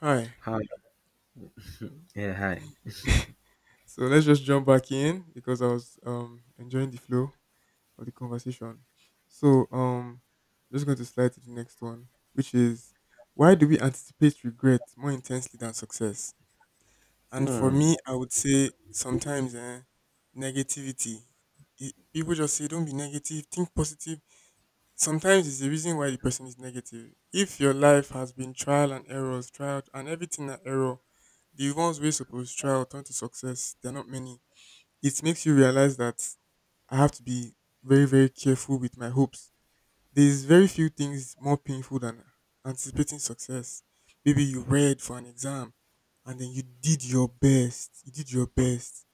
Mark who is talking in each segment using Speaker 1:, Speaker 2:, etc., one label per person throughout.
Speaker 1: Hi.
Speaker 2: Hi. Yeah, hi.
Speaker 1: So let's just jump back in because I was enjoying the flow of the conversation. So um just going to slide to the next one, which is, why do we anticipate regret more intensely than success? And for
Speaker 2: Hmm.
Speaker 1: me, I would say sometimes negativity. People just say don't be negative, think positive. Sometimes it's the reason why the person is negative. If your life has been trial and errors, trial and everything an error, the ones we're supposed to try or turn to success, they're not many. It makes you realize that I have to be very, very careful with my hopes. There's very few things more painful than anticipating success. Maybe you read for an exam and then you did your best. You did your best.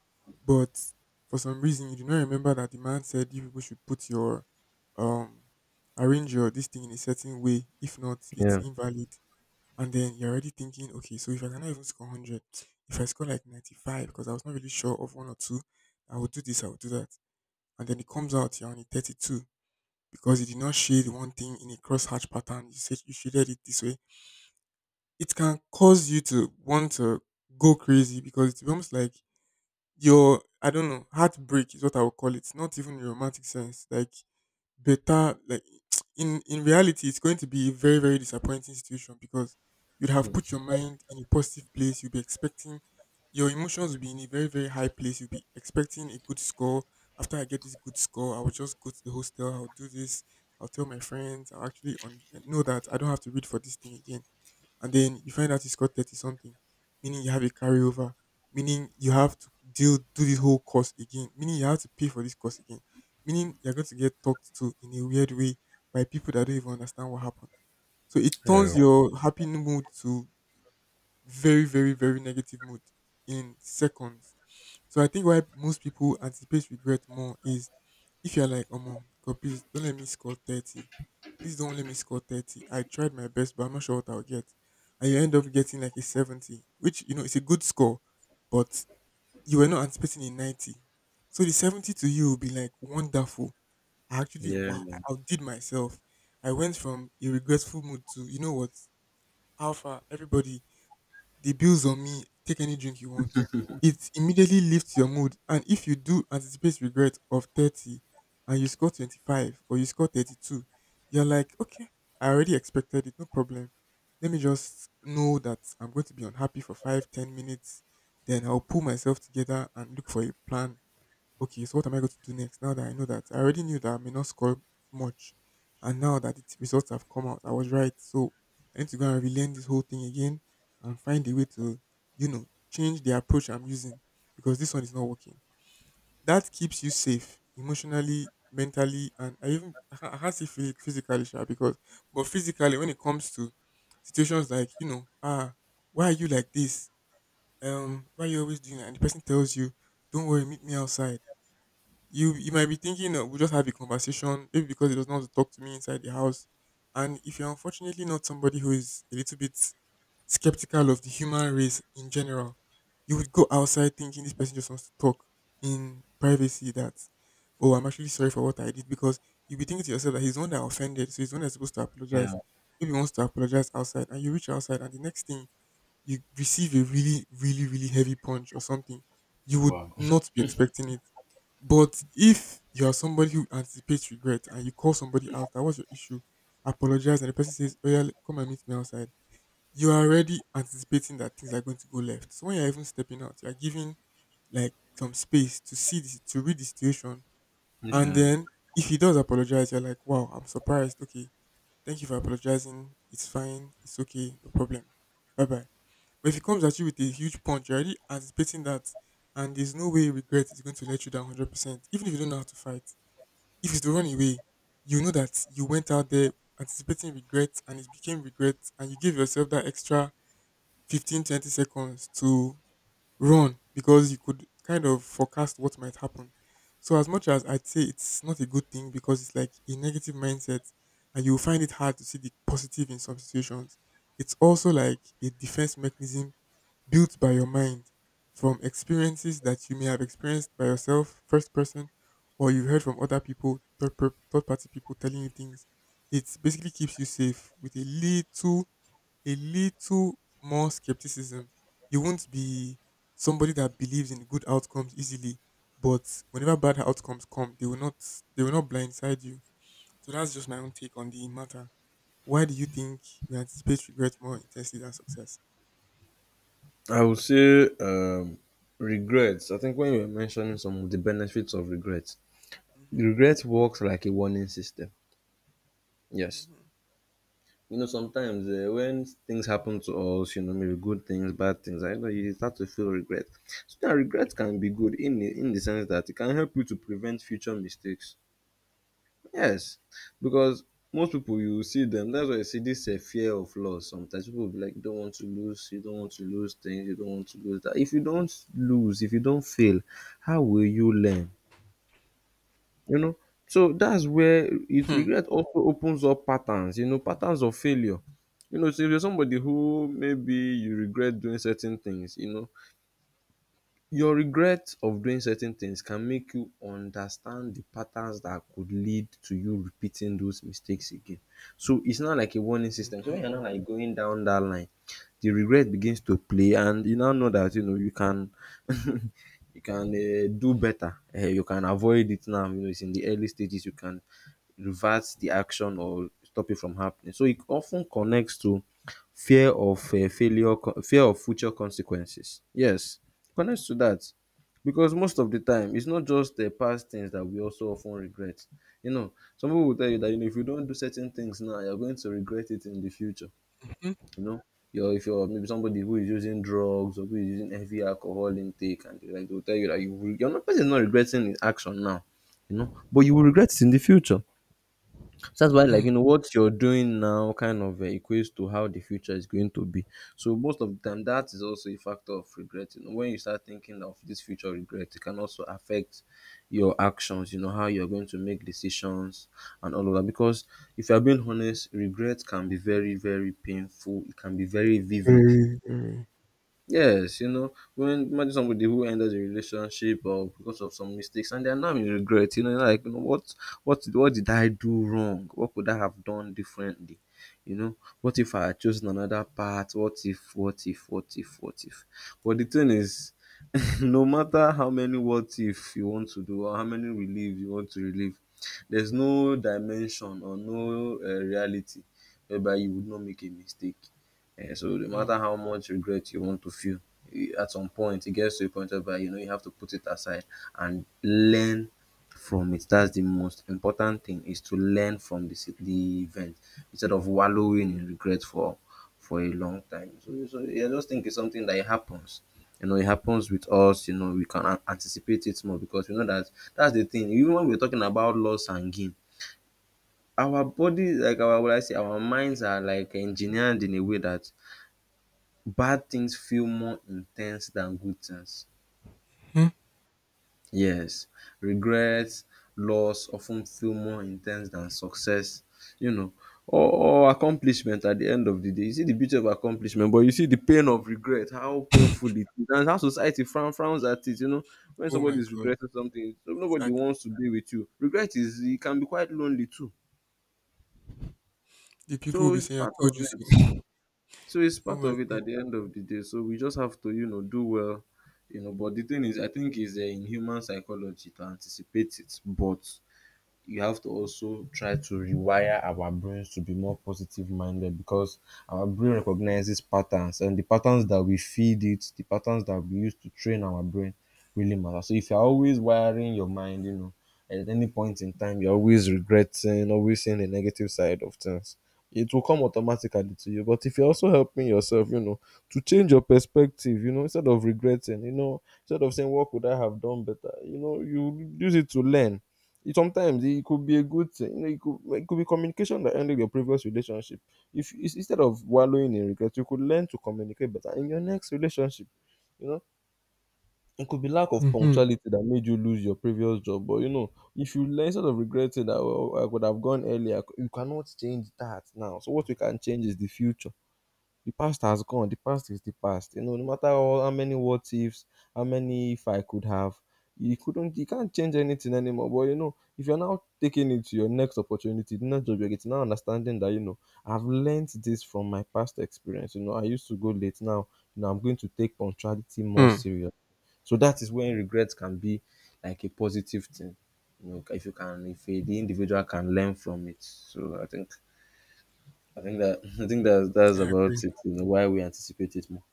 Speaker 1: But for some reason you do not remember that the man said you people should put your um arrange your this thing in a certain way. If not, it's
Speaker 2: Yeah,
Speaker 1: invalid. And then you're already thinking, okay, so if I cannot even score 100, if I score like 95, because I was not really sure of one or two, I would do this, I would do that. And then it comes out, you're only 32 because you did not shade one thing in a cross hatch pattern. You said you shaded it this way. It can cause you to want to go crazy because it's almost like your, I don't know, heartbreak is what I would call it. Not even in a romantic sense. Like better like in reality it's going to be a very very disappointing situation because you'd have put
Speaker 2: hmm.
Speaker 1: your mind in a positive place, you'd be expecting your emotions will be in a very very high place, you'll be expecting a good score. After I get this good score, I will just go to the hostel, I'll do this, I'll tell my friends, I'll actually on, know that I don't have to read for this thing again. And then you find out he scored 30 something, meaning you have a carryover, meaning you have to deal do this whole course again, meaning you have to pay for this course again, meaning you're going to get talked to in a weird way by people that don't even understand what happened. So it
Speaker 2: Yeah.
Speaker 1: turns your happy mood to very, very, very negative mood in seconds. So I think why most people anticipate regret more is, if you're like, oh man, God, please don't let me score 30. Please don't let me score 30. I tried my best, but I'm not sure what I'll get. And you end up getting like a 70, which, you know, is a good score, but you were not anticipating a 90. So the 70 to you will be like wonderful. I actually,
Speaker 2: Yeah,
Speaker 1: wow, I outdid myself. I went from a regretful mood to, you know what, Alpha, everybody, the bill's on me. Take any drink you want. It immediately lifts your mood. And if you do anticipate regret of 30 and you score 25 or you score 32, you're like, okay, I already expected it. No problem. Let me just know that I'm going to be unhappy for 5, 10 minutes. Then I'll pull myself together and look for a plan. Okay, so what am I going to do next now that I know that I already knew that I may not score much, and now that the results have come out, I was right. So I need to go and relearn this whole thing again and find a way to, you know, change the approach I'm using because this one is not working. That keeps you safe emotionally, mentally, and I even I has to feel physically, sure, because but physically when it comes to situations like ah, why are you like this? Why are you always doing? That?" And the person tells you, "Don't worry, meet me outside." You might be thinking that we'll just have a conversation, maybe because he doesn't want to talk to me inside the house. And if you're unfortunately not somebody who is a little bit skeptical of the human race in general, you would go outside thinking this person just wants to talk in privacy that, oh, I'm actually sorry for what I did, because you'll be thinking to yourself that he's the one that offended, so he's the one that's supposed to apologize.
Speaker 2: yeah.
Speaker 1: Maybe he wants to apologize outside and you reach outside and the next thing, you receive a really, really, really heavy punch or something. You would
Speaker 2: Wow.
Speaker 1: not be expecting it. But if you are somebody who anticipates regret and you call somebody out, that was your issue, apologize, and the person says, oh, yeah, come and meet me outside, you are already anticipating that things are going to go left. So when you're even stepping out, you're giving like some space to see this, to read the situation. And
Speaker 2: Yeah.
Speaker 1: then if he does apologize, you're like, wow, I'm surprised. Okay, thank you for apologizing. It's fine. It's okay. No problem. Bye bye. But if he comes at you with a huge punch, you're already anticipating that, and there's no way regret is going to let you down 100%. Even if you don't know how to fight, if it's to run away, you know that you went out there anticipating regret and it became regret, and you give yourself that extra 15 20 seconds to run because you could kind of forecast what might happen. So, as much as I'd say it's not a good thing because it's like a negative mindset, and you will find it hard to see the positive in some situations, it's also like a defense mechanism built by your mind from experiences that you may have experienced by yourself, first person, or you've heard from other people, third, third party people telling you things. It basically keeps you safe with a little more skepticism. You won't be somebody that believes in good outcomes easily, but whenever bad outcomes come, they will not blindside you. So that's just my own take on the matter. Why do you think we anticipate regret more intensely than success?
Speaker 2: I would say regrets. I think when you were mentioning some of the benefits of regrets,
Speaker 1: Mm-hmm.
Speaker 2: regret works like a warning system. Yes.
Speaker 1: Mm-hmm.
Speaker 2: You know, sometimes when things happen to us, you know, maybe good things, bad things, I know you start to feel regret. So that regret can be good in the sense that it can help you to prevent future mistakes. Yes, because most people you see them. That's why you see this fear of loss. Sometimes people will be like, you don't want to lose, you don't want to lose things, you don't want to lose that. If you don't lose, if you don't fail, how will you learn? You know. So that's where it
Speaker 1: Hmm hmm.
Speaker 2: regret also opens up patterns. You know, patterns of failure. You know, so if you're somebody who maybe you regret doing certain things, you know, your regret of doing certain things can make you understand the patterns that could lead to you repeating those mistakes again. So it's not like a warning system. So
Speaker 1: Mhm,
Speaker 2: when you're not like going down that line, the regret begins to play, and you now know that you know you can you can do better. Eh, you can avoid it now. You know it's in the early stages. You can reverts the action or stop it from happening. So it often connects to fear of failure, fear of future consequences. Yes, it connects to that because most of the time it's not just the past things that we also often regret. You know, some people will tell you that you know if you don't do certain things now, you're going to regret it in the future.
Speaker 1: mhm,
Speaker 2: You know. You're, if you're maybe somebody who is using drugs or who is using heavy alcohol intake and they like they'll tell you that you will, you're not person not regretting his action now, you know, but you will regret it in the future. So that's why, like you
Speaker 1: mhm.
Speaker 2: know, what you're doing now kind of equates to how the future is going to be. So most of the time, that is also a factor of regret. You know, when you start thinking of this future regret, it can also affect your actions. You know, how you're going to make decisions and all of that. Because if you're being honest, regret can be very, very painful. It can be very vivid.
Speaker 1: Very, very.
Speaker 2: Yes, you know, when imagine somebody who ended a relationship or because of some mistakes and they are now in regret, you know, like you know, what what did I do wrong? What could I have done differently? You know, what if I had chosen another path? What if, what if, what if, what if? But the thing is, no matter how many what if you want to do or how many relief you want to relieve, there's no dimension or no reality whereby you would not make a mistake. Eh, so no
Speaker 1: Mhm.
Speaker 2: matter how much regret you want to feel, you, at some point it gets to a point whereby you know you have to put it aside and learn from it. That's the most important thing is to learn from the event instead of wallowing in regret for a long time. So, so yeah, I just think it's something that it happens. You know, it happens with us. You know, we can anticipate it more because we know that that's the thing. Even when we're talking about loss and gain, our body, like our, what I say, our minds are like engineered in a way that bad things feel more intense than good things.
Speaker 1: Mhm.
Speaker 2: Yes, regrets, loss often feel more intense than success, you know, or accomplishment at the end of the day. You see the beauty of accomplishment, but you see the pain of regret, how painful it is and how society frowns at it, you know. When
Speaker 1: Oh
Speaker 2: somebody
Speaker 1: my
Speaker 2: is
Speaker 1: god,
Speaker 2: regretting something, so nobody
Speaker 1: exactly.
Speaker 2: wants to be with you. Regret is, it can be quite lonely too.
Speaker 1: The people will
Speaker 2: So
Speaker 1: be
Speaker 2: it's
Speaker 1: saying, I
Speaker 2: part
Speaker 1: told
Speaker 2: of
Speaker 1: you
Speaker 2: it.
Speaker 1: so.
Speaker 2: So it's
Speaker 1: Oh
Speaker 2: part
Speaker 1: my
Speaker 2: of it
Speaker 1: god.
Speaker 2: at the end of the day. So we just have to, you know, do well, you know. But the thing is, I think is in human psychology to anticipate it, but you have to also try to rewire our brains to be more positive minded because our brain recognizes patterns and the patterns that we feed it, the patterns that we use to train our brain really matter. So if you're always wiring your mind, you know, at any point in time, you're always regretting, always seeing the negative side of things. It will come automatically to you. But if you're also helping yourself, you know, to change your perspective, you know, instead of regretting, you know, instead of saying, what could I have done better? You know, you use it to learn sometimes it could be a good thing. You know, it could be communication that ended your previous relationship. If instead of wallowing in regret, you could learn to communicate better in your next relationship. You know, it could be lack of
Speaker 1: Mm-hmm.
Speaker 2: punctuality that made you lose your previous job. But you know, if you learn instead of regretting that "Oh, I could have gone earlier," you cannot change that now. So what you can change is the future. The past has gone. The past is the past. You know, no matter all, how many what ifs, how many if I could have, you couldn't, you can't change anything anymore. But you know, if you're now taking it to your next opportunity, the next job you're getting, now understanding that you know, I've learned this from my past experience. You know, I used to go late now. You know, I'm going to take punctuality more
Speaker 1: Mm.
Speaker 2: serious. So that is when regrets can be like a positive thing. You know, if you can, if the individual can learn from it. So I think that I think that that's
Speaker 1: I agree.
Speaker 2: about it. You know, why we anticipate it more.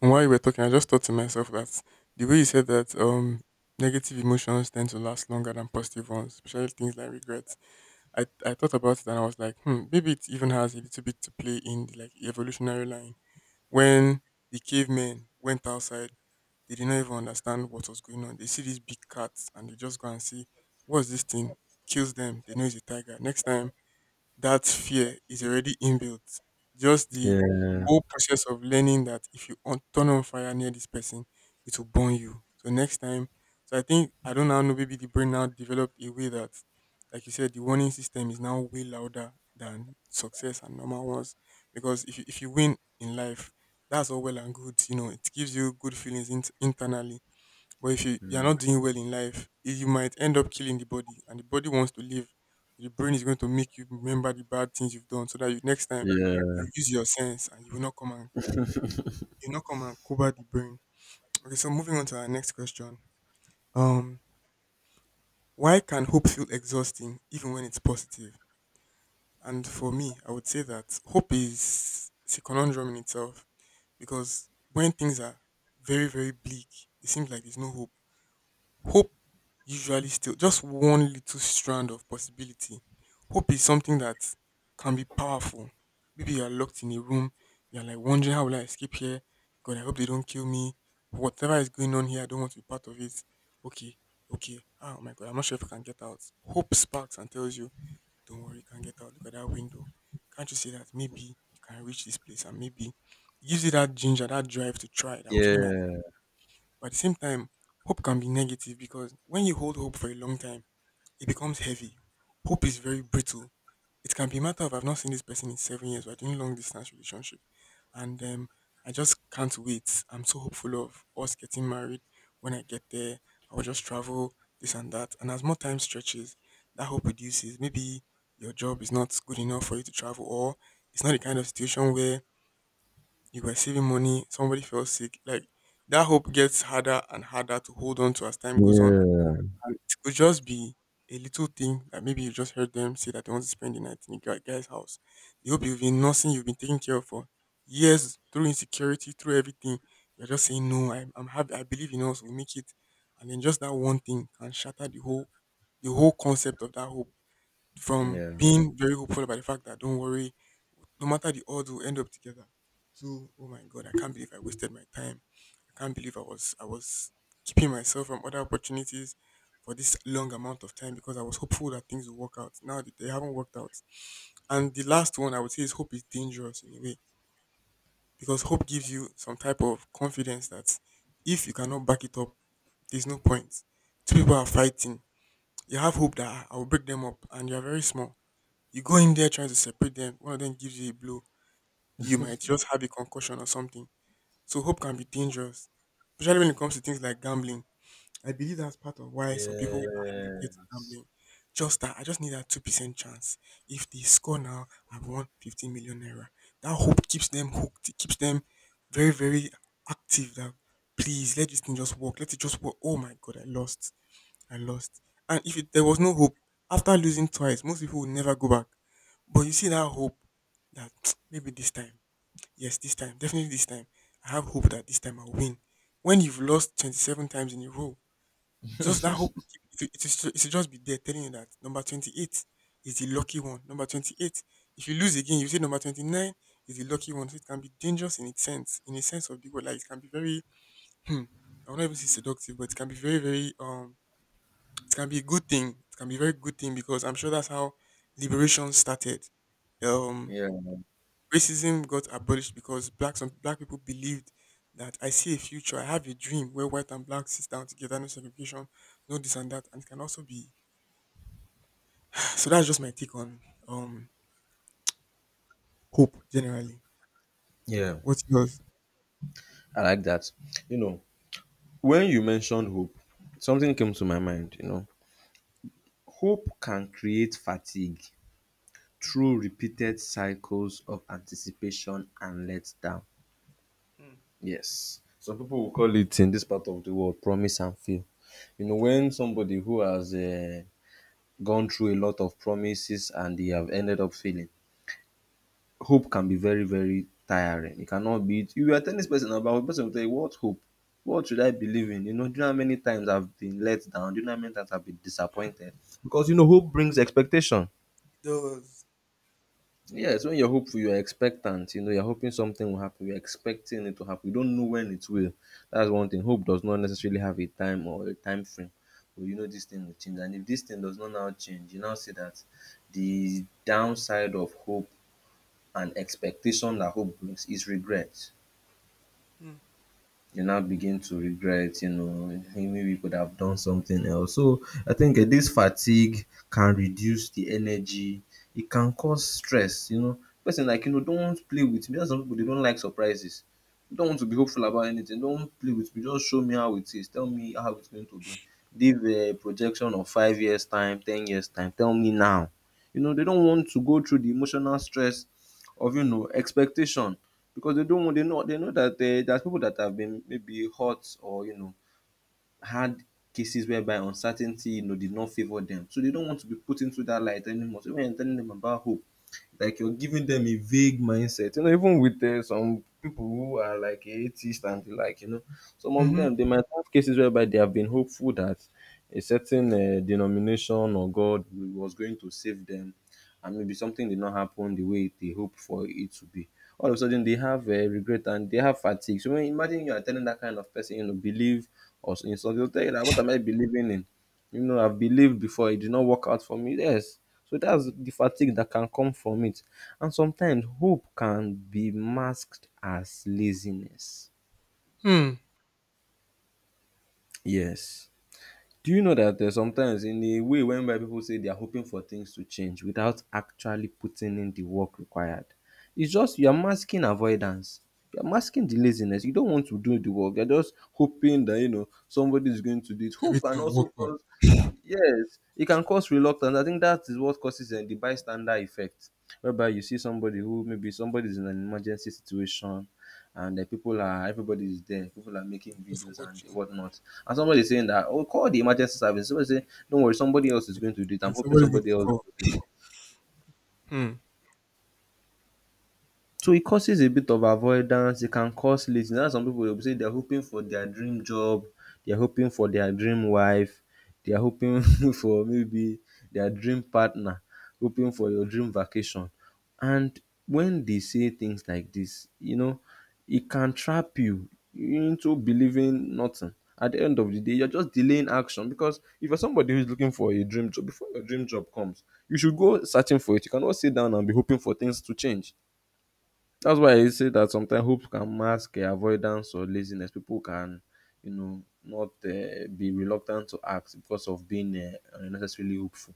Speaker 1: And while you were talking, I just thought to myself that the way you said that negative emotions tend to last longer than positive ones, especially things like regrets. I thought about it and I was like, hmm, maybe it even has a little bit to play in the like evolutionary line when the cavemen went outside, they did not even understand what was going on. They see this big cat and they just go and see what's this thing. Kills them. They know it's a tiger. Next time, that fear is already inbuilt. Just the
Speaker 2: Yeah,
Speaker 1: whole process of learning that if you on, turn on fire near this person, it will burn you. So next time, so I think I don't now know. Maybe the brain now developed a way that, like you said, the warning system is now way louder than success and normal ones. Because if you win in life, that's all well and good. You know, it gives you good feelings in, internally. But if you, you're not doing well in life, eh, you might end up killing the body, and the body wants to live. So the brain is going to make you remember the bad things you've done, so that you, next time
Speaker 2: yeah,
Speaker 1: you use your sense and you will not come and you will not come and cover the brain. Okay, so moving on to our next question. Um, why can hope feel exhausting even when it's positive? And for me, I would say that hope is, it's a conundrum in itself because when things are very very bleak, it seems like there's no hope. Hope usually still just one little strand of possibility. Hope is something that can be powerful. Maybe you are locked in a room, you're like wondering, how will I escape here? God, I hope they don't kill me. Whatever is going on here, I don't want to be part of it. Okay, okay. Ah, oh my god, I'm not sure if I can get out. Hope sparks and tells you, don't worry, you can get out. Look at that window. Can't you see that? Maybe you can reach this place and maybe it gives you that ginger, that drive to try that. Okay,
Speaker 2: yeah,
Speaker 1: let me, but at the same time, hope can be negative because when you hold hope for a long time, it becomes heavy. Hope is very brittle. It can be a matter of I've not seen this person in 7 years. We're doing long distance relationship, and I just can't wait. I'm so hopeful of us getting married. When I get there, I will just travel this and that. And as more time stretches, that hope reduces. Maybe your job is not good enough for you to travel, or it's not the kind of situation where you were saving money, somebody fell sick. Like that hope gets harder and harder to hold on to as time goes on. And it could just be a little thing that maybe you just heard them say that they want to spend the night in a guy's house. The hope you've been nursing, you've been taking care of for years through insecurity, through everything. You're just saying, no, I'm happy. I believe in us. We'll make it. And then just that one thing can shatter the whole concept of that hope, from
Speaker 2: yeah.
Speaker 1: being very hopeful about the fact that don't worry, no matter the odds, we'll end up together. So, oh my God, I can't believe I wasted my time. I can't believe I was keeping myself from other opportunities for this long amount of time because I was hopeful that things would work out, now that they haven't worked out. And the last one I would say is hope is dangerous in a way because hope gives you some type of confidence that if you cannot back it up, there's no point. Two people are fighting. You have hope that I will break them up, and you are very small. You go in there trying to separate them. One of them gives you a blow, you might just have a concussion or something. So hope can be dangerous, especially when it comes to things like gambling. I believe that's part of why some people
Speaker 2: Yeah,
Speaker 1: are addicted to
Speaker 2: yes,
Speaker 1: gambling. Just that I just need that 2% chance. If they score now, I've won 15 million naira. That hope keeps them hooked. It keeps them very active. That, please let this thing just work. Let it just work. Oh my God, I lost. I lost. And if it, there was no hope after losing twice, most people would never go back. But you see that hope that, maybe this time. Yes, this time, definitely this time. I have hope that this time I'll win. When you've lost 27 times in a row, just that hope will keep it, it, it, will still- it should just be there telling you that number 28 is the lucky one. Number 28. If you lose again, you say number 29 is the lucky one. So it can be dangerous in its sense, in a sense of the word. Like it can be very, hmm, I won't even say seductive, but it can be very, very, it can be a good thing. It can be a very good thing because I'm sure that's how liberation started. Um,
Speaker 2: yeah,
Speaker 1: Racism got abolished because black some black people believed that I see a future, I have a dream where white and black sit down together, no segregation, no this and that, and it can also be. So that's just my take on um hope generally.
Speaker 2: yeah.
Speaker 1: What's yours?
Speaker 2: I like that. You know, when you mentioned hope, something came to my mind. You know, hope can create fatigue
Speaker 1: Mm-hmm.
Speaker 2: through repeated cycles of anticipation and letdown.
Speaker 1: Mm.
Speaker 2: Yes, some people will call it in this part of the world promise and fail. You know, when somebody who has gone through a lot of promises and they have ended up failing. Hope can be very, very tiring. It cannot be. You are telling this person about hope, person will tell you, what hope? What should I believe in? You know, do you know how many times I've been let down? Do you know how many times I've been
Speaker 1: Mm.
Speaker 2: disappointed? Because, you know, hope brings expectation.
Speaker 1: It does.
Speaker 2: Yes, when you're hopeful, you're expectant. You know, you're hoping something will happen. You're expecting it to happen. You don't know when it will. That's one thing. Hope does not necessarily have a time or a time frame. But you know this thing will change. And if this thing does not now change, you now see that the downside of hope and expectation that hope brings is regret.
Speaker 1: Mm.
Speaker 2: You now begin to regret, you know, "Hey, maybe we could have done something else." So I think this fatigue can reduce the energy. It can cause stress, you know. Person like, you know, don't play with me. That's some people, they don't like surprises. They don't want to be hopeful about anything. Don't play with me. Just show me how it is. Tell me how it's going to be. Give a projection of 5 years' time, 10 years' time. Tell me now. You know, they don't want to go through the emotional stress of, you know, expectation because they don't want they know that there's people that have been maybe hurt or you know had cases whereby uncertainty you know did not favor them, so they don't want to be put into that light anymore. So when you're telling them about hope, like you're giving them a vague mindset. You know, even with some people who are like atheists and the like, you know, some of
Speaker 1: Mm-hmm.
Speaker 2: them they might have cases whereby they have been hopeful that a certain denomination or God was going to save them, and maybe something did not happen the way they hoped for it to be. All of a sudden, they have regret and they have fatigue. So, when, imagine you are telling that kind of person, you know, believe or in something, they'll tell you that what am I believing in? You know, I've believed before. It did not work out for me, yes. So that's the fatigue that can come from it. And sometimes hope can be masked as laziness.
Speaker 1: Hmm.
Speaker 2: Yes, do you know that there's sometimes in a way whereby people say they are hoping for things to change without actually putting in the work required? It's just you're masking avoidance. You're masking the laziness. You don't want to do the work. You're just hoping that somebody is going to do it. Hope can
Speaker 1: Everything will
Speaker 2: also
Speaker 1: work out.
Speaker 2: cause, yes, it can cause reluctance. I think that is what causes the bystander effect, whereby you see somebody who, maybe somebody is in an emergency situation, and the people are, everybody is there, people are making
Speaker 1: Just
Speaker 2: videos and
Speaker 1: watching.
Speaker 2: whatnot, and somebody is saying that, oh, call the emergency service. Somebody say don't worry, somebody else is
Speaker 1: Yeah.
Speaker 2: going to do it.
Speaker 1: Mm,
Speaker 2: I'm hoping
Speaker 1: somebody's going to
Speaker 2: somebody else
Speaker 1: call.
Speaker 2: does it.
Speaker 1: Hmm.
Speaker 2: So it causes a bit of avoidance, it can cause lazy. That's why some people go say they are hoping for their dream job, they are hoping for their dream wife, they are hoping for maybe their dream partner, hoping for your dream vacation. And when they say things like this, you know, it can trap you into believing nothing. At the end of the day, you're just delaying action, because if you're somebody who's looking for a dream job, before your dream job comes, you should go searching for it. You cannot sit down and be hoping for things to change. That's why I say that sometimes hope can mask avoidance or laziness. People can, you know, not be reluctant to act because of being unnecessarily hopeful.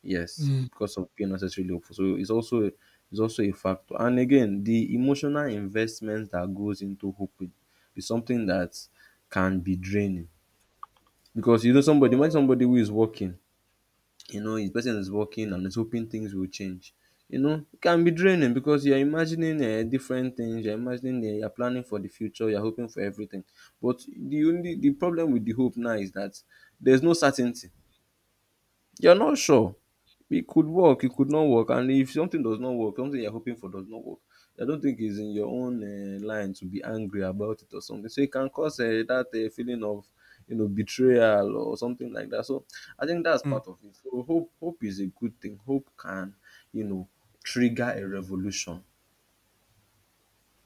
Speaker 2: Yes,
Speaker 1: Hmm.
Speaker 2: because of being unnecessarily hopeful. So it's also, it's also a factor. And again, the emotional investment that goes into hope is something that can be draining, because you know somebody, imagine somebody who is working, you know, his person is working and is hoping things will change. You know, it can be draining because you're imagining different things, you're imagining you're planning for the future, you're hoping for everything. But the problem with the hope now is that there's no certainty, you're not sure. It could work, it could not work. And if something does not work, something you're hoping for does not work, I don't think it's in your own line to be angry about it or something. So it can cause that feeling of, you know, betrayal or something like that. So I think that's
Speaker 1: Hmm.
Speaker 2: part of it. So hope, is a good thing. Hope can, you know, trigger a revolution,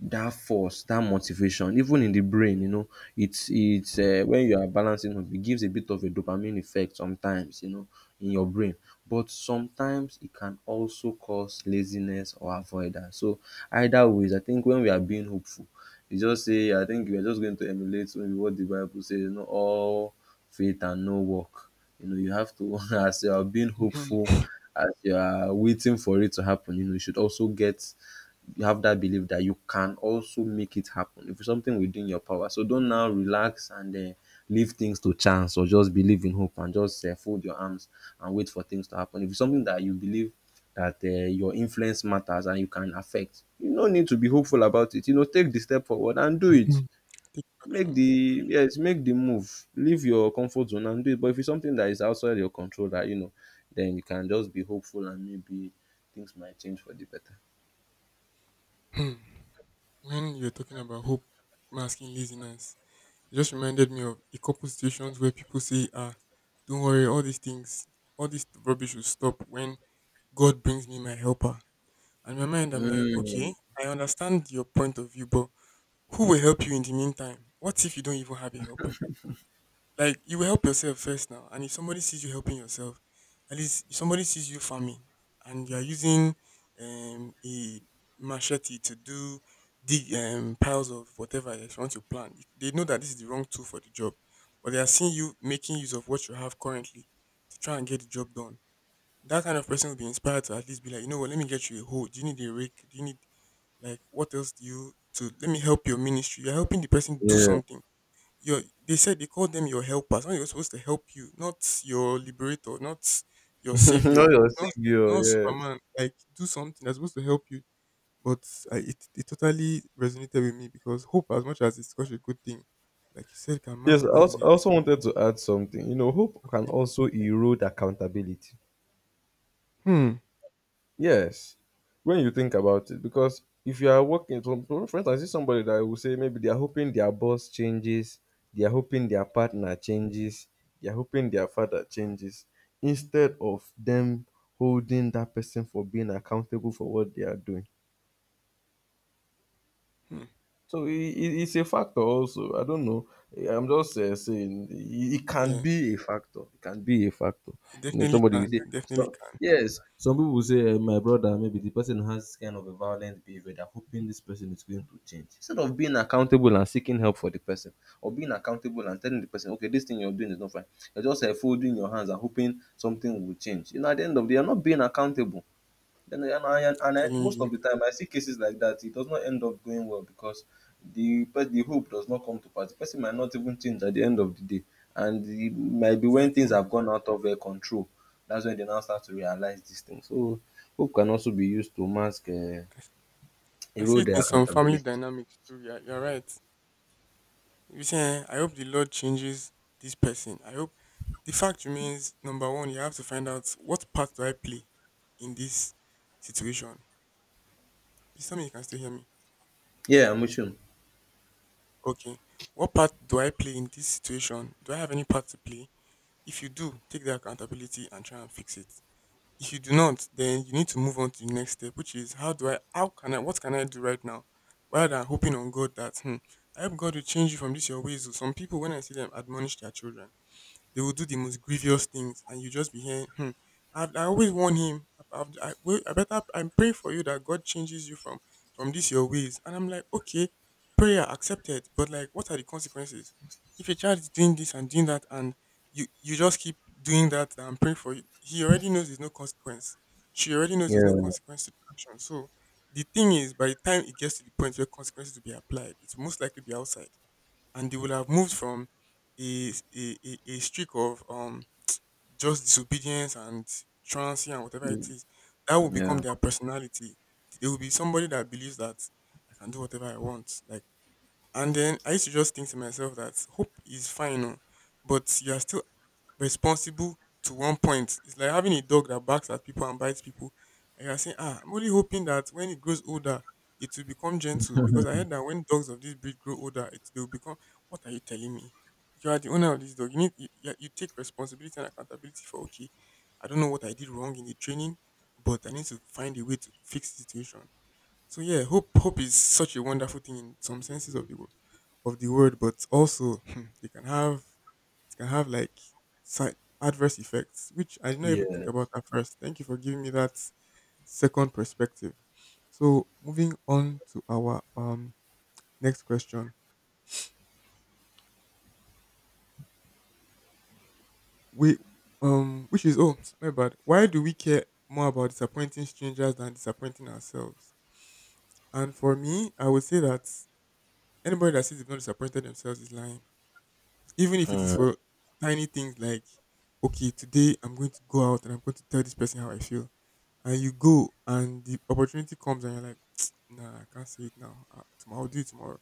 Speaker 2: that force, that motivation, even in the brain. You know, it's when you are balancing up, it gives a bit of a dopamine effect sometimes, you know, in your brain. But sometimes it can also cause laziness or avoidance. So either ways, I think when we are being hopeful, you just say, I think we are just going to emulate maybe what the Bible says, you know, all faith and no work. You know, you have to, as you are being
Speaker 1: Hmm.
Speaker 2: hopeful, as you are waiting for it to happen, you know, you should also get, you have that belief that you can also make it happen. If it's something within your power, so don't now relax and leave things to chance or just believe in hope and just fold your arms and wait for things to happen. If it's something that you believe that your influence matters and you can affect, you no need to be hopeful about it. You know, take the step forward and do it.
Speaker 1: Hmm. Take
Speaker 2: Make
Speaker 1: action. Yeah.
Speaker 2: the, yes, make the move. Leave your comfort zone and do it. But if it's something that is outside your control, that you know, then you can just be hopeful and maybe things might change for the better.
Speaker 1: Hmm. When you're talking about hope masking laziness, it just reminded me of a couple situations where people say, ah, don't worry, all these things, all this rubbish will stop when God brings me my helper. And in my mind, I'm like, okay,
Speaker 2: Mm.
Speaker 1: I understand your point of view, but who will help you in the meantime? What if you don't even have a helper? Like, you will help yourself first now, and if somebody sees you helping yourself, at least if somebody sees you farming and you are using a machete to do dig piles of whatever, if you want to plant, if they know that this is the wrong tool for the job, but they are seeing you making use of what you have currently to try and get the job done. That kind of person will be inspired to at least be like, you know what, let me get you a hoe. Do you need a rake? Do you need, like, what else do you, to let me help your ministry? You're helping the person do something, your, they said they called them your helpers. Now, you're supposed to help you, not your liberator, not your savior. It's not, it's
Speaker 2: Osingio,
Speaker 1: not
Speaker 2: yes.
Speaker 1: Superman. Like, do something that's supposed to help you. But I, it totally resonated with me because hope, as much as it's such a good thing, like you said, can mask
Speaker 2: Yes, I also, I
Speaker 1: laziness.
Speaker 2: also wanted to add something. You know, hope can
Speaker 1: Okay.
Speaker 2: also erode accountability.
Speaker 1: Hmm.
Speaker 2: Yes, when you think about it, because if you are working, so for instance, is somebody that will say maybe they are hoping their boss changes, they are hoping their partner changes, they are hoping their father changes, instead of them holding that person for being accountable for what they are doing.
Speaker 1: Hmm.
Speaker 2: So it's a factor also. I don't know. I'm just saying it, it can
Speaker 1: Yeah,
Speaker 2: be a factor. It can be a factor.
Speaker 1: it
Speaker 2: You know,
Speaker 1: definitely
Speaker 2: somebody will
Speaker 1: can.
Speaker 2: say,
Speaker 1: It definitely
Speaker 2: so,
Speaker 1: can.
Speaker 2: yes, some people will say, my brother, maybe the person has this kind of a violent behavior. They're hoping this person is going to change. Instead of being accountable and seeking help for the person, or being accountable and telling the person, okay, this thing you're doing is not fine. You're just folding your hands and hoping something will change. You know, at the end of the day, you're not being accountable. Then
Speaker 1: I'm telling
Speaker 2: most
Speaker 1: you,
Speaker 2: of the time I see cases like that, it does not end up going well, because the hope does not come to pass. The person might not even change at the end of the day, and it might be when things
Speaker 1: exactly.
Speaker 2: have gone out of their control. That's when they now start to realize these things. So hope can also be used to mask,
Speaker 1: I, s- I see
Speaker 2: erode
Speaker 1: it
Speaker 2: their
Speaker 1: in some family
Speaker 2: accountability.
Speaker 1: dynamics too. Yeah, you're right. You'll, "Eh, I hope the Lord changes this person. I hope, the fact remains, number one, you have to find out what part do I play in this situation." Please tell me you can still hear me.
Speaker 2: Yeah, I'm with you.
Speaker 1: Okay. What part do I play in this situation? Do I have any part to play? If you do, take the accountability and try and fix it. If you do not, then you need to move on to the next step, which is how can I, what can I do right now? Rather than hoping on God that, hmm, I hope God will change you from this your ways, oh. Some people, when I see them admonish their children, they will do the most grievous things, and you just be hearing, hmm, I always warn him. I, wait, I better, I'm praying for you that God changes you from this your ways. And I'm like, okay, prayer accepted, but, like, what are the consequences? If a child is doing this and doing that, and you just keep doing that, that I'm praying for you, he already knows there's no consequence. She already knows there's no
Speaker 2: Yeah.
Speaker 1: consequence to the action. So the thing is, by the time it gets to the point where consequences will be applied, it's most likely be outside, and they will have moved from a streak of just disobedience and truancy and whatever it is. That will become
Speaker 2: Yeah.
Speaker 1: their personality. They will be somebody that believes that I can do whatever I want, like. And then I used to just think to myself that hope is fine, oh, but you are still responsible to one point. It's like having a dog that barks at people and bites people, and you are saying, ah, I'm only hoping that when it grows older, it will become gentle, because I heard that when dogs of this breed grow older, it they will become. What are you telling me? You are the owner of this dog. You need you, you you take responsibility and accountability for, okay, I don't know what I did wrong in the training, but I need to find a way to fix the situation. So, yeah, hope is such a wonderful thing in some senses of the word, but also, hmm, they can have it can have, like, side adverse effects, which I did not even think
Speaker 2: Yeah.
Speaker 1: about at first. Thank you for giving me that second perspective. So, moving on to our next question, we, which is, oh, my bad, why do we care more about disappointing strangers than disappointing ourselves? And for me, I would say that anybody that says they've not disappointed themselves is lying, even if it is
Speaker 2: Mm,
Speaker 1: for tiny things like, okay, today I'm going to go out and I'm going to tell this person how I feel. And you go and the opportunity comes and you're like, nah, I can't say it now. Tomorrow, I'll do it tomorrow.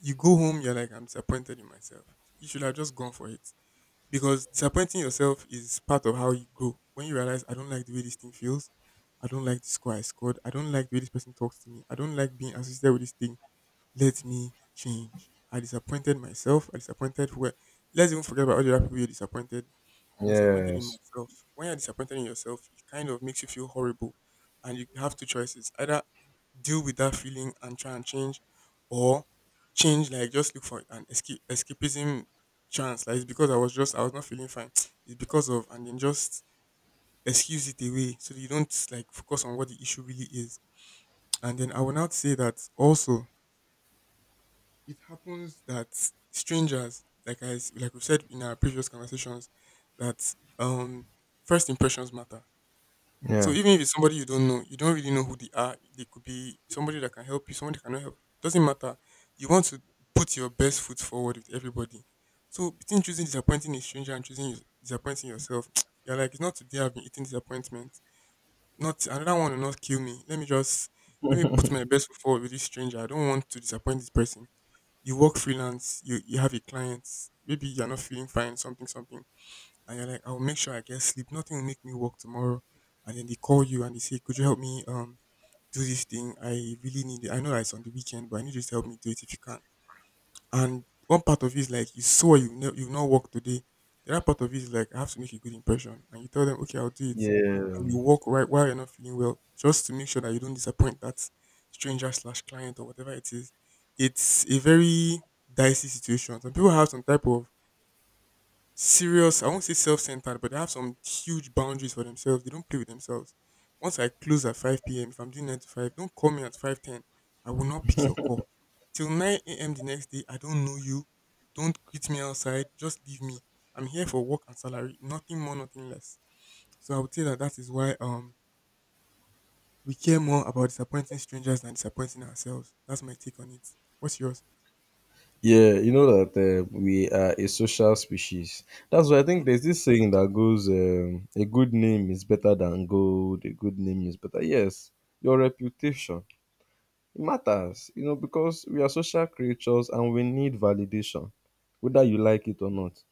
Speaker 1: You go home, you're like, I'm disappointed in myself. You should have just gone for it. Because disappointing yourself is part of how you grow. When you realize, I don't like the way this thing feels. I don't like the score I scored. I don't like the way this person talks to me. I don't like being associated with this thing, let me change. I disappointed myself. I disappointed who? Let's even forget about all the other people you are disappointed. I'm disappointed in
Speaker 2: yes.
Speaker 1: myself. When you're disappointed in yourself, it kind of makes you feel horrible, and you have two choices: either deal with that feeling and try and change, or change, like, just look for an escape, escapism chance. Like, it's because I was not feeling fine. It's because of, and then just excuse it away so that you don't, like, focus on what the issue really is. And then I will not say that also, it happens that strangers, like, like we said in our previous conversations, that first impressions matter. So
Speaker 2: Yeah.
Speaker 1: even if it's somebody you don't know, you don't really know who they are. They could be somebody that can help you, somebody that cannot help. Doesn't matter. You want to put your best foot forward with everybody. So between choosing disappointing a stranger and choosing disappointing yourself, you're like, it's not today I've been eating disappointment. Not another one will not kill me. Let me put my best foot forward with this stranger. I don't want to disappoint this person. You work freelance, you have a client, maybe you're not feeling fine, something, something, and you're like, I'll make sure I get sleep. Nothing will make me work tomorrow. And then they call you and they say, could you help me do this thing? I really need it. I know that it's on the weekend, but I need you to help me do it if you can. And one part of it is like, you know you've not worked today. The other part of it is like, I have to make a good impression. And you tell them, okay, I'll do it. And you
Speaker 2: Yeah.
Speaker 1: walk right while you're not feeling well, just to make sure that you don't disappoint that stranger slash client or whatever it is. It's a very dicey situation. Some people have some type of serious, I won't say self-centered, but they have some huge boundaries for themselves. They don't play with themselves. Once I close at 5 p.m., if I'm doing 9 to 5, don't call me at 5:10. I will not pick your call till 9 a.m. the next day. I don't know you. Don't greet me outside. Just leave me. I'm here for work and salary, nothing more, nothing less. So I would say that that is why, we care more about disappointing strangers than disappointing ourselves. That's my take on it. What's yours?
Speaker 2: Yeah, you know that we are a social species. That's why I think
Speaker 1: Mm-hmm.
Speaker 2: there's this saying that goes, "A good name is better than gold. A good name is better." Yes, your reputation, it matters, you know, because we are social creatures and we need validation, whether you like it or not.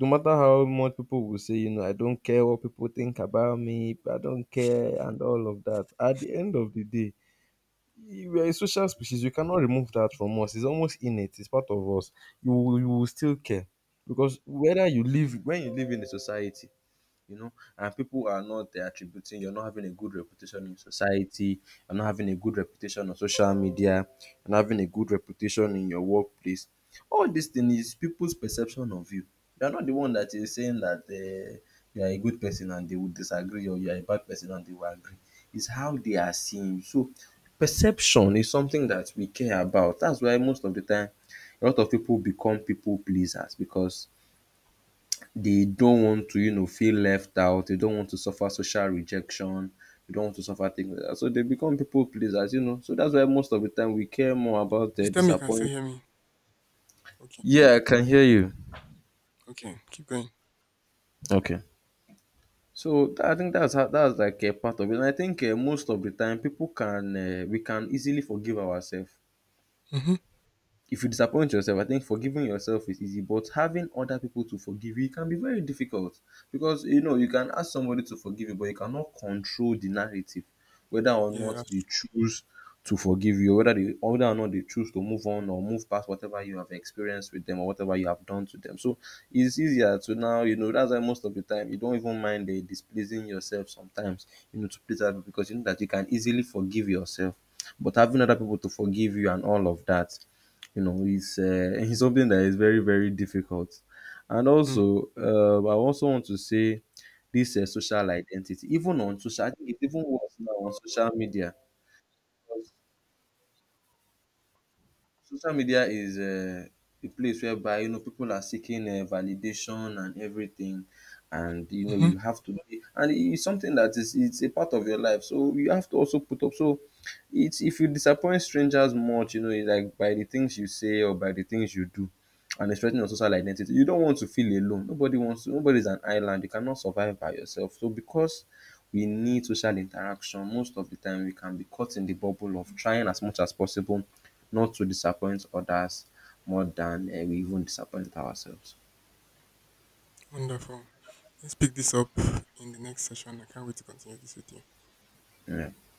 Speaker 2: No matter how much people will say, you know, I don't care what people think about me, I don't care, and all of that. At the end of the day, we are a social species. You cannot remove that from us. It's almost innate. It's part of us. You will still care, because whether you live, when you live in a society, you know, and people are not attributing, you're not having a good reputation in society, you're not having a good reputation on social media, you're not having a good reputation in your workplace, all these things is people's perception of you. You're not the one that is saying that you are a good person and they would disagree, or you are a bad person and they will agree. It's how they are seeing you. So perception is something that we care about. That's why most of the time a lot of people become people pleasers, because they don't want to, you know, feel left out. They don't want to suffer social rejection. They don't want to suffer things like that. So they become people pleasers, you know. So that's why most of the time we care more about
Speaker 1: Please
Speaker 2: the
Speaker 1: tell me you can still
Speaker 2: disappointment.
Speaker 1: hear me. Okay.
Speaker 2: Yeah, I can hear you.
Speaker 1: Okay. Keep going.
Speaker 2: Okay. So I think that's how, that's like a part of it. And I think most of the time people can we can easily forgive ourselves.
Speaker 1: Mm-hmm.
Speaker 2: If you disappoint yourself, I think forgiving yourself is easy, but having other people to forgive you can be very difficult, because you know you can ask somebody to forgive you, but you cannot control the narrative, whether or
Speaker 1: Yeah,
Speaker 2: not they
Speaker 1: that's
Speaker 2: choose to forgive you, or whether or not they choose to move on or move past whatever you have experienced with them or whatever you have done to them. So it's easier to now, you know, that's why most of the time you don't even mind the displeasing yourself sometimes, you know, to please other people, because you know that you can easily forgive yourself. But having other people to forgive you and all of that, you know, it's it's something that is very, very difficult. And
Speaker 1: true.
Speaker 2: also I also want to say this social identity, even on social, I think it's even worse now on social media. Social media is a place whereby, you know, people are seeking validation and everything, and you know
Speaker 1: Hmm.
Speaker 2: you have to be, and it's something that is, it's a part of your life, so you have to also put up. So it's, if you disappoint strangers much, you know, it's like by the things you say or by the things you do, and it's threatening your social identity. You don't want to feel alone. Nobody wants to, nobody is an island. You cannot survive by yourself. So, because we need social interaction, most of the time we can be caught in the bubble of trying as much as possible not to disappoint others more than we even disappoint ourselves.
Speaker 1: Wonderful. Let's pick this up in the next session. I can't wait to continue this with you.
Speaker 2: um